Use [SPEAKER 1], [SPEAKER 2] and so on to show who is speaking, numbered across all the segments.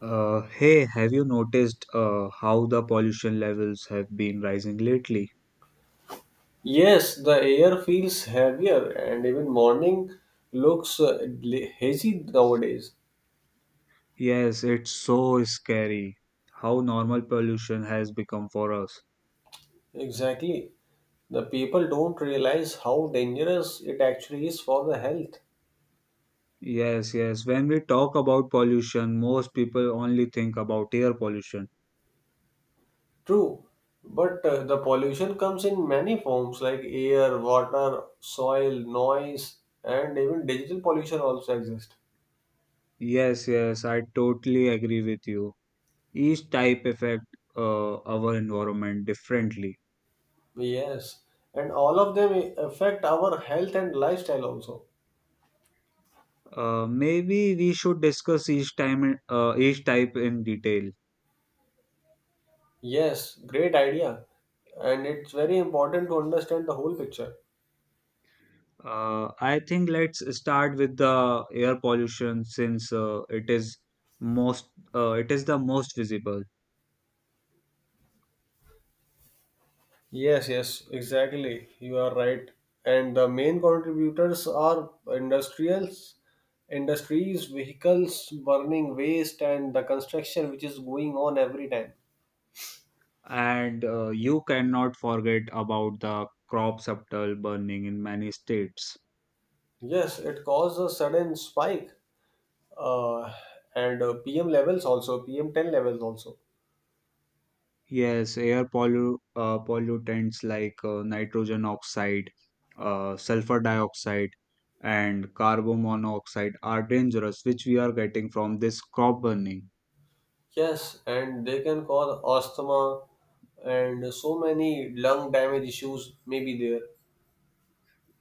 [SPEAKER 1] Hey, have you noticed how the pollution levels have been rising lately?
[SPEAKER 2] Yes, the air feels heavier, and even morning looks hazy nowadays.
[SPEAKER 1] Yes, it's so scary how normal pollution has become for us.
[SPEAKER 2] Exactly. The people don't realize how dangerous it actually is for the health.
[SPEAKER 1] Yes. When we talk about pollution, most people only think about air pollution.
[SPEAKER 2] True. But the pollution comes in many forms like air, water, soil, noise, and even digital pollution also exists.
[SPEAKER 1] Yes, yes, I totally agree with you. Each type affect our environment differently.
[SPEAKER 2] Yes. And all of them affect our health and lifestyle also.
[SPEAKER 1] Maybe we should discuss each type in detail.
[SPEAKER 2] Yes, great idea. And it's very important to understand the whole picture.
[SPEAKER 1] I think let's start with the air pollution since it is most it is the most visible,
[SPEAKER 2] Yes, yes, exactly. You are right. And the main contributors are industries, vehicles, burning waste, and the construction which is going on every time.
[SPEAKER 1] and you cannot forget about the crop subtle burning in many states.
[SPEAKER 2] Yes, it caused a sudden spike. Uh, and PM levels also, PM10 levels also.
[SPEAKER 1] Yes, air pollu pollutants like nitrogen oxide, sulfur dioxide, and carbon monoxide are dangerous, which we are getting from this crop burning.
[SPEAKER 2] Yes, and they can cause asthma and so many lung damage issues may be there.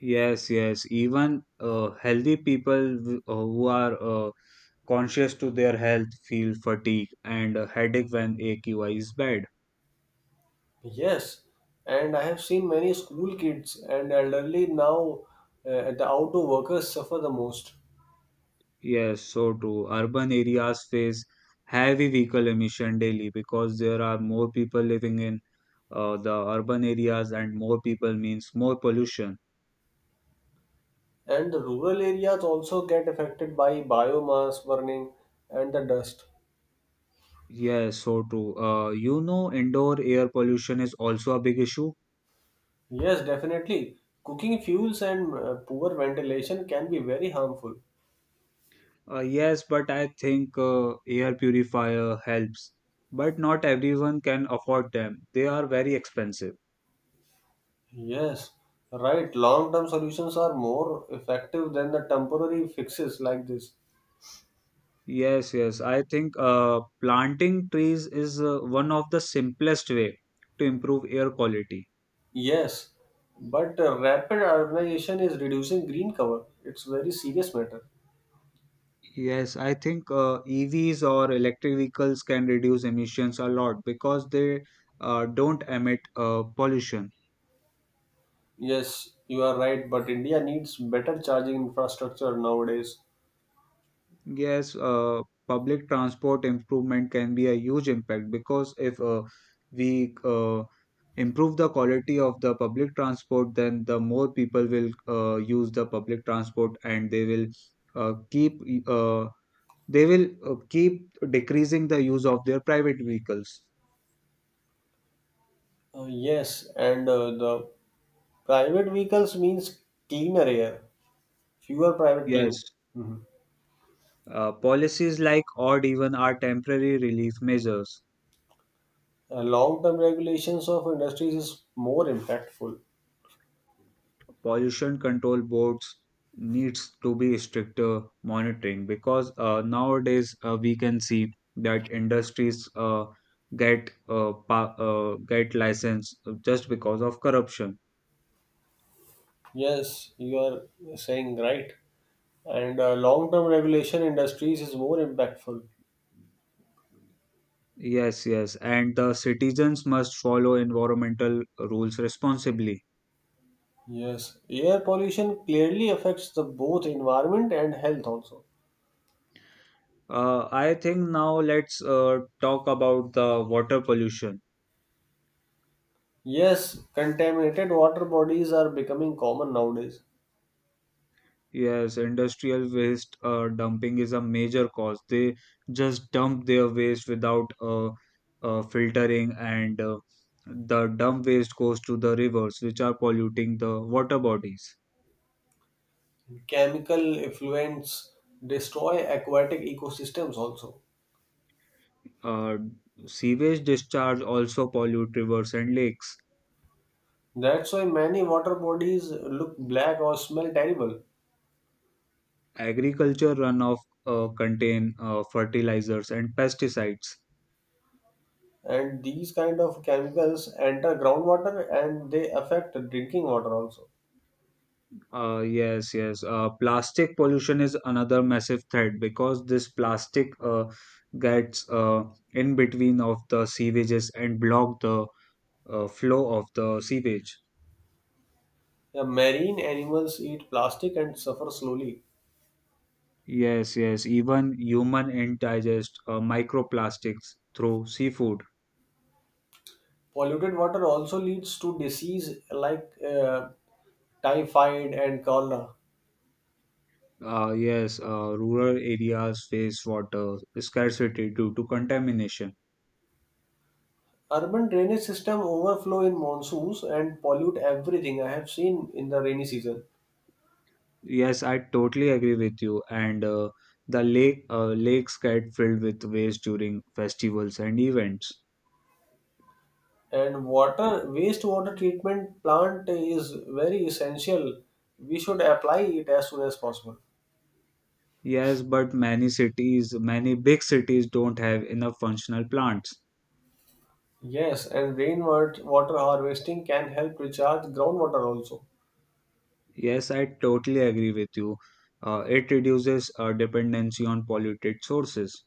[SPEAKER 1] Yes. Even healthy people who are conscious to their health feel fatigue and a headache when AQI is bad.
[SPEAKER 2] Yes, and I have seen many school kids and elderly now the outdoor workers suffer the most.
[SPEAKER 1] Yes, so too. Urban areas face heavy vehicle emission daily because there are more people living in the urban areas, and more people means more pollution.
[SPEAKER 2] And the rural areas also get affected by biomass burning and the dust.
[SPEAKER 1] Yes, so true. Indoor air pollution is also a big issue.
[SPEAKER 2] Yes, definitely. Cooking fuels and poor ventilation can be very harmful.
[SPEAKER 1] Yes, but I think air purifier helps. But not everyone can afford them. They are very expensive.
[SPEAKER 2] Yes, right. Long term solutions are more effective than the temporary fixes like this.
[SPEAKER 1] Yes. I think planting trees is one of the simplest way to improve air quality.
[SPEAKER 2] Yes, but rapid urbanization is reducing green cover. It's very serious matter.
[SPEAKER 1] Yes, I think EVs or electric vehicles can reduce emissions a lot because they don't emit pollution.
[SPEAKER 2] Yes, you are right, but India needs better charging infrastructure nowadays.
[SPEAKER 1] Yes, public transport improvement can be a huge impact because if we improve the quality of the public transport, then the more people will use the public transport and they will uh, keep uh, keep decreasing the use of their private vehicles.
[SPEAKER 2] Yes, and the private vehicles means cleaner air, fewer private
[SPEAKER 1] Yes,
[SPEAKER 2] clinics. Mhm.
[SPEAKER 1] policies like odd even are temporary relief measures.
[SPEAKER 2] Long-term regulations of industries is more impactful.
[SPEAKER 1] Pollution control boards needs to be stricter monitoring because nowadays we can see that industries get license just because of corruption.
[SPEAKER 2] Yes, you are saying right. And long-term regulation industries is more impactful.
[SPEAKER 1] Yes, yes, and the citizens must follow environmental rules responsibly.
[SPEAKER 2] Yes, air pollution clearly affects the both environment and health also.
[SPEAKER 1] I think now let's talk about the water pollution.
[SPEAKER 2] Yes, contaminated water bodies are becoming common nowadays.
[SPEAKER 1] Yes, industrial waste dumping is a major cause. They just dump their waste without filtering, and the dump waste goes to the rivers, which are polluting the water bodies.
[SPEAKER 2] Chemical effluents destroy aquatic ecosystems also.
[SPEAKER 1] Uh, Sewage discharge also pollute rivers and lakes.
[SPEAKER 2] That's why many water bodies look black or smell terrible.
[SPEAKER 1] Agriculture runoff contain fertilizers and pesticides.
[SPEAKER 2] And these kind of chemicals enter groundwater and they affect drinking water also.
[SPEAKER 1] Yes. Plastic pollution is another massive threat because this plastic gets in between of the sewages and block the flow of the sewage.
[SPEAKER 2] The marine animals eat plastic and suffer slowly.
[SPEAKER 1] Yes. Even human indigest microplastics through seafood.
[SPEAKER 2] Polluted water also leads to disease like typhoid and cholera.
[SPEAKER 1] Yes, rural areas face water scarcity due to contamination.
[SPEAKER 2] Urban drainage system overflow in monsoons and pollute everything I have seen in the rainy season.
[SPEAKER 1] Yes, I totally agree with you. And the lakes get filled with waste during festivals and events.
[SPEAKER 2] And water wastewater treatment plant is very essential. We should apply it as soon as possible.
[SPEAKER 1] Yes, but many big cities don't have enough functional plants.
[SPEAKER 2] Yes, and rainwater water harvesting can help recharge groundwater also.
[SPEAKER 1] Yes, I totally agree with you. It reduces dependency on polluted sources.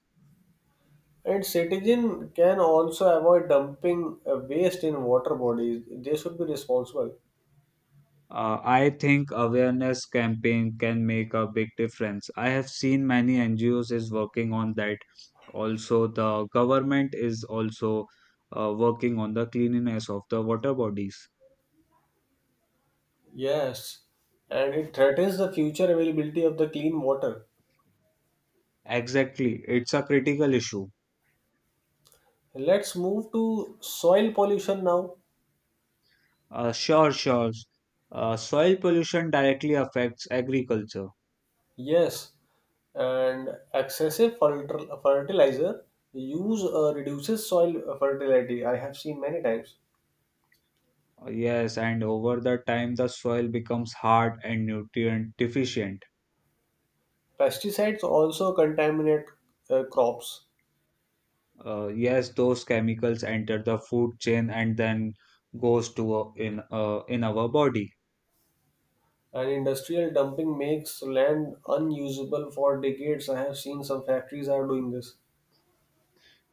[SPEAKER 2] And citizen can also avoid dumping waste in water bodies. They should be responsible.
[SPEAKER 1] I think awareness campaign can make a big difference. I have seen many NGOs is working on that. Also, the government is also working on the cleanliness of the water bodies.
[SPEAKER 2] Yes, and it threatens the future availability of the clean water.
[SPEAKER 1] Exactly, it's a critical issue.
[SPEAKER 2] Let's move to soil pollution now.
[SPEAKER 1] Sure. Soil pollution directly affects agriculture.
[SPEAKER 2] Yes, and excessive fertilizer use reduces soil fertility. I have seen many times.
[SPEAKER 1] Yes, and over the time, the soil becomes hard and nutrient deficient.
[SPEAKER 2] Pesticides also contaminate crops.
[SPEAKER 1] Yes, those chemicals enter the food chain and then goes to in our body.
[SPEAKER 2] And industrial dumping makes land unusable for decades. I have seen some factories are doing this.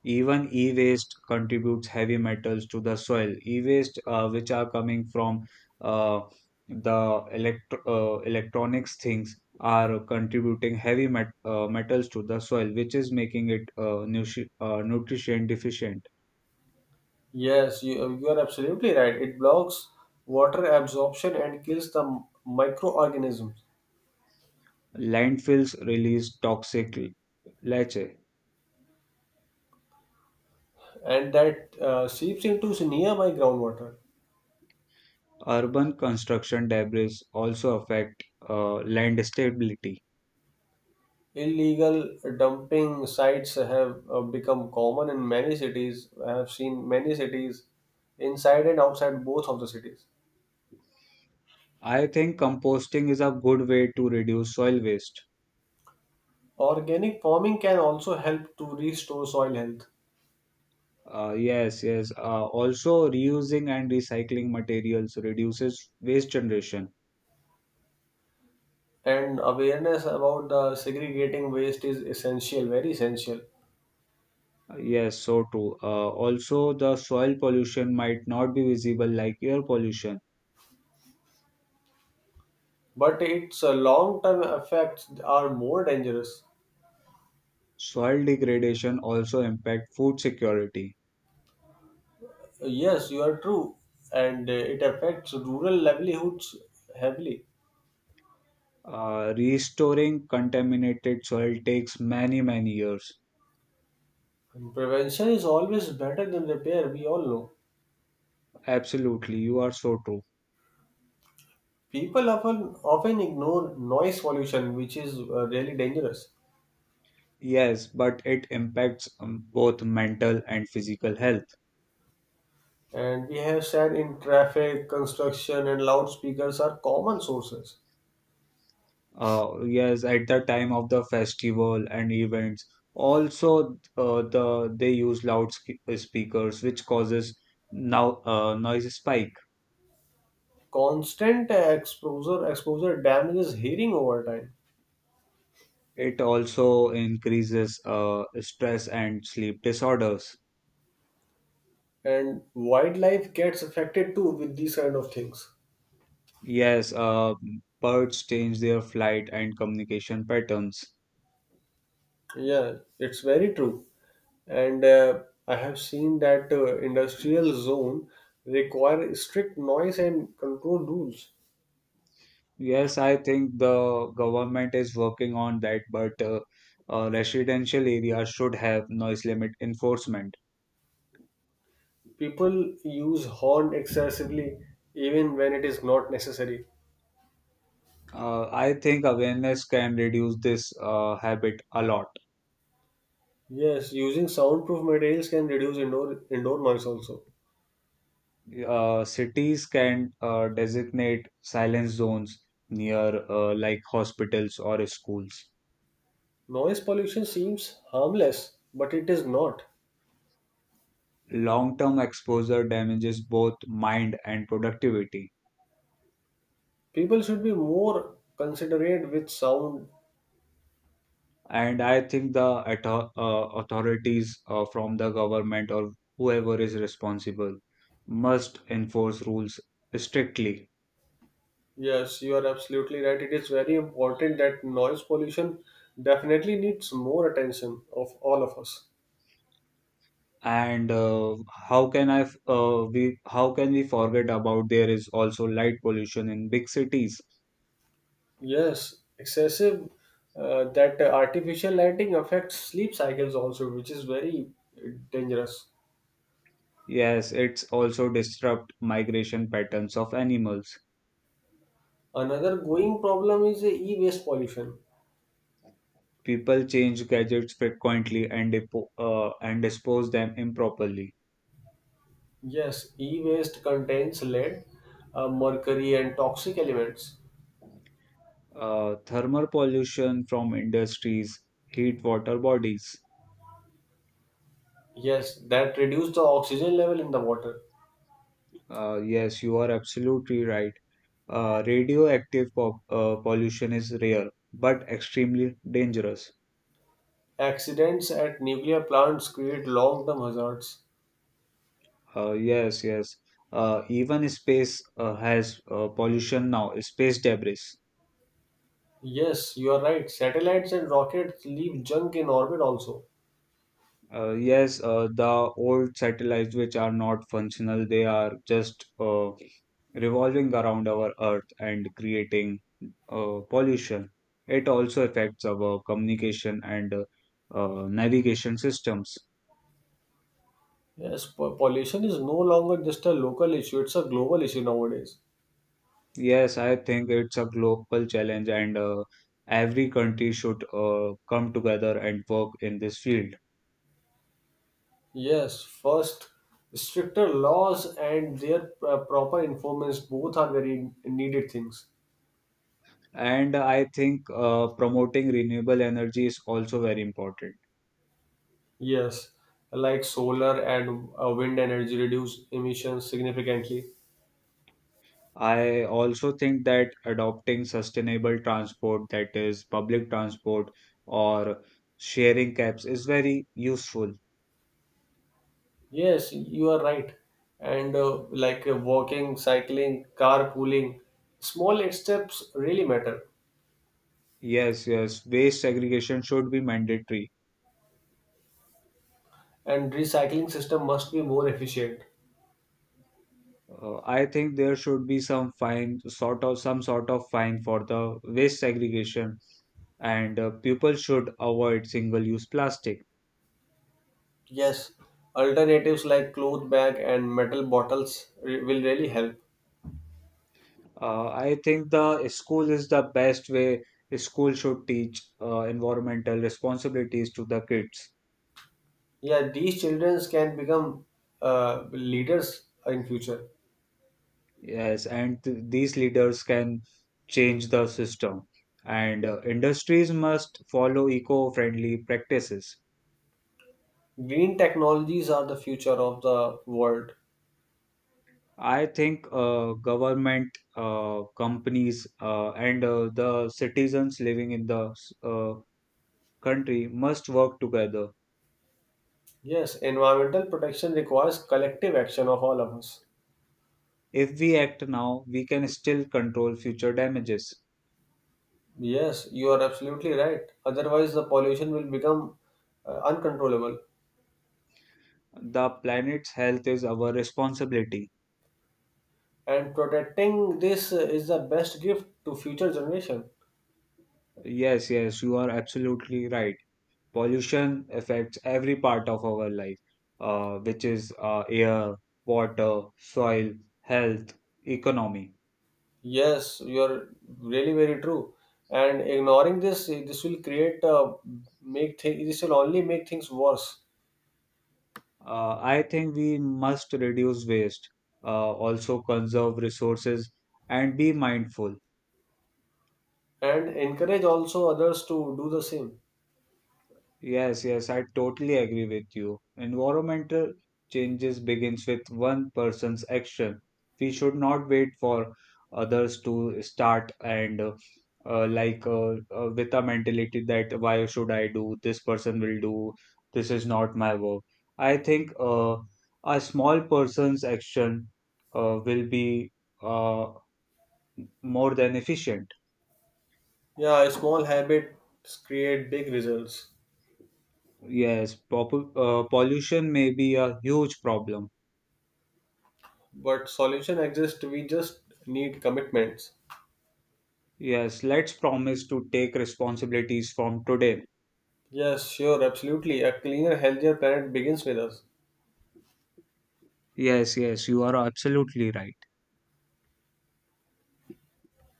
[SPEAKER 1] Even e-waste contributes heavy metals to the soil. E-waste, which are coming from uh, the electronics things, are contributing heavy metals to the soil, which is making it nutrition deficient.
[SPEAKER 2] Yes, you are absolutely right. It blocks water absorption and kills the microorganisms,
[SPEAKER 1] Landfills release toxic leachate.
[SPEAKER 2] and that seeps into nearby groundwater.
[SPEAKER 1] Urban construction debris also affect land stability.
[SPEAKER 2] Illegal dumping sites have become common in many cities. I have seen many cities inside and outside both of the cities.
[SPEAKER 1] I think composting is a good way to reduce soil waste.
[SPEAKER 2] Organic farming can also help to restore soil health.
[SPEAKER 1] Yes. Also, reusing and recycling materials reduces waste generation.
[SPEAKER 2] And awareness about the segregating waste is essential, very essential.
[SPEAKER 1] Yes, so true. Also, the soil pollution might not be visible like air pollution.
[SPEAKER 2] But its long-term effects are more dangerous.
[SPEAKER 1] Soil degradation also impact food security.
[SPEAKER 2] Yes, you are true. And it affects rural livelihoods heavily.
[SPEAKER 1] Restoring contaminated soil takes many, many years.
[SPEAKER 2] And prevention is always better than repair, we all know.
[SPEAKER 1] Absolutely, you are so true.
[SPEAKER 2] People often ignore noise pollution, which is really dangerous.
[SPEAKER 1] Yes, but it impacts both mental and physical health.
[SPEAKER 2] And we have said in traffic, construction and loudspeakers are common sources.
[SPEAKER 1] Yes, at the time of the festival and events also, they use loud speakers which causes now noise spike.
[SPEAKER 2] Constant exposure damages hearing over time,
[SPEAKER 1] It also increases stress and sleep disorders.
[SPEAKER 2] and wildlife gets affected too with these kind of things.
[SPEAKER 1] Yes, birds change their flight and communication patterns.
[SPEAKER 2] Yeah, it's very true. And I have seen that industrial zone require strict noise and control rules.
[SPEAKER 1] Yes, I think the government is working on that, but residential areas should have noise limit enforcement.
[SPEAKER 2] People use horn excessively even when it is not necessary.
[SPEAKER 1] I think awareness can reduce this habit a lot.
[SPEAKER 2] Yes, using soundproof materials can reduce indoor noise also.
[SPEAKER 1] Cities can designate silence zones near, like hospitals or schools.
[SPEAKER 2] Noise pollution seems harmless, but it is not.
[SPEAKER 1] Long term exposure damages both mind and productivity.
[SPEAKER 2] People should be more considerate with sound.
[SPEAKER 1] And I think the authorities from the government or whoever is responsible must enforce rules strictly.
[SPEAKER 2] Yes, you are absolutely right, it is very important that noise pollution definitely needs more attention of all of us.
[SPEAKER 1] And how can we forget about there is also light pollution in big cities.
[SPEAKER 2] Yes, excessive, that artificial lighting affects sleep cycles also, which is very dangerous.
[SPEAKER 1] Yes, it's also disrupt migration patterns of animals.
[SPEAKER 2] Another going problem is the e-waste pollution.
[SPEAKER 1] People change gadgets frequently and dispose them improperly.
[SPEAKER 2] Yes, e-waste contains lead, mercury and toxic elements.
[SPEAKER 1] Thermal pollution from industries heat water bodies.
[SPEAKER 2] Yes, that reduce the oxygen level in the water.
[SPEAKER 1] Yes, you are absolutely right. Radioactive pollution is rare but extremely dangerous.
[SPEAKER 2] Accidents at nuclear plants create long term hazards.
[SPEAKER 1] Yes. Even space has pollution now, space debris.
[SPEAKER 2] Yes, you are right. Satellites and rockets leave junk in orbit also.
[SPEAKER 1] Yes, the old satellites which are not functional, they are just revolving around our Earth and creating pollution. It also affects our communication and navigation systems.
[SPEAKER 2] Yes, pollution is no longer just a local issue, it's a global issue nowadays.
[SPEAKER 1] Yes, I think it's a global challenge, and every country should come together and work in this field.
[SPEAKER 2] Yes, first, stricter laws and their proper enforcements both are very needed things.
[SPEAKER 1] And I think promoting renewable energy is also very important.
[SPEAKER 2] Yes, like solar and wind energy reduce emissions significantly.
[SPEAKER 1] I also think that adopting sustainable transport, that is, public transport or sharing cabs, is very useful.
[SPEAKER 2] Yes, you are right. And like walking, cycling, carpooling, small steps really matter.
[SPEAKER 1] Yes, yes, waste segregation should be mandatory.
[SPEAKER 2] And recycling system must be more efficient.
[SPEAKER 1] I think there should be some fine, some sort of fine for the waste segregation, and people should avoid single-use plastic.
[SPEAKER 2] Yes, alternatives like cloth bag and metal bottles will really help.
[SPEAKER 1] I think the school is the best way. School should teach environmental responsibilities to the kids.
[SPEAKER 2] Yeah, these children can become leaders in future.
[SPEAKER 1] Yes, and these leaders can change the system. And industries must follow eco-friendly practices.
[SPEAKER 2] Green technologies are the future of the world.
[SPEAKER 1] I think government, companies, and the citizens living in the country must work together.
[SPEAKER 2] Yes, environmental protection requires collective action of all of us.
[SPEAKER 1] If we act now, we can still control future damages.
[SPEAKER 2] Yes, you are absolutely right. Otherwise, the pollution will become uncontrollable,
[SPEAKER 1] The planet's health is our responsibility.
[SPEAKER 2] and protecting this is the best gift to future generation.
[SPEAKER 1] Yes, yes, you are absolutely right. Pollution affects every part of our life, which is air, water, soil, health, economy.
[SPEAKER 2] Yes, you are really very true. And ignoring this, eh, this will create make thing. This will only make things worse,
[SPEAKER 1] I think we must reduce waste, also conserve resources, and be mindful.
[SPEAKER 2] and encourage also others to do the same.
[SPEAKER 1] Yes, yes, I totally agree with you. Environmental changes begins with one person's action. We should not wait for others to start, and with a mentality that why should I do? This person will do. This is not my work. I think a small person's action will be uh, more than efficient.
[SPEAKER 2] Yeah, small habits create big results,
[SPEAKER 1] Yes, pop pollution may be a huge problem.
[SPEAKER 2] but solution exists. We just need commitments.
[SPEAKER 1] Yes, let's promise to take responsibilities from today.
[SPEAKER 2] Yes, sure, absolutely. A cleaner, healthier planet begins with us.
[SPEAKER 1] Yes, yes, you are absolutely right.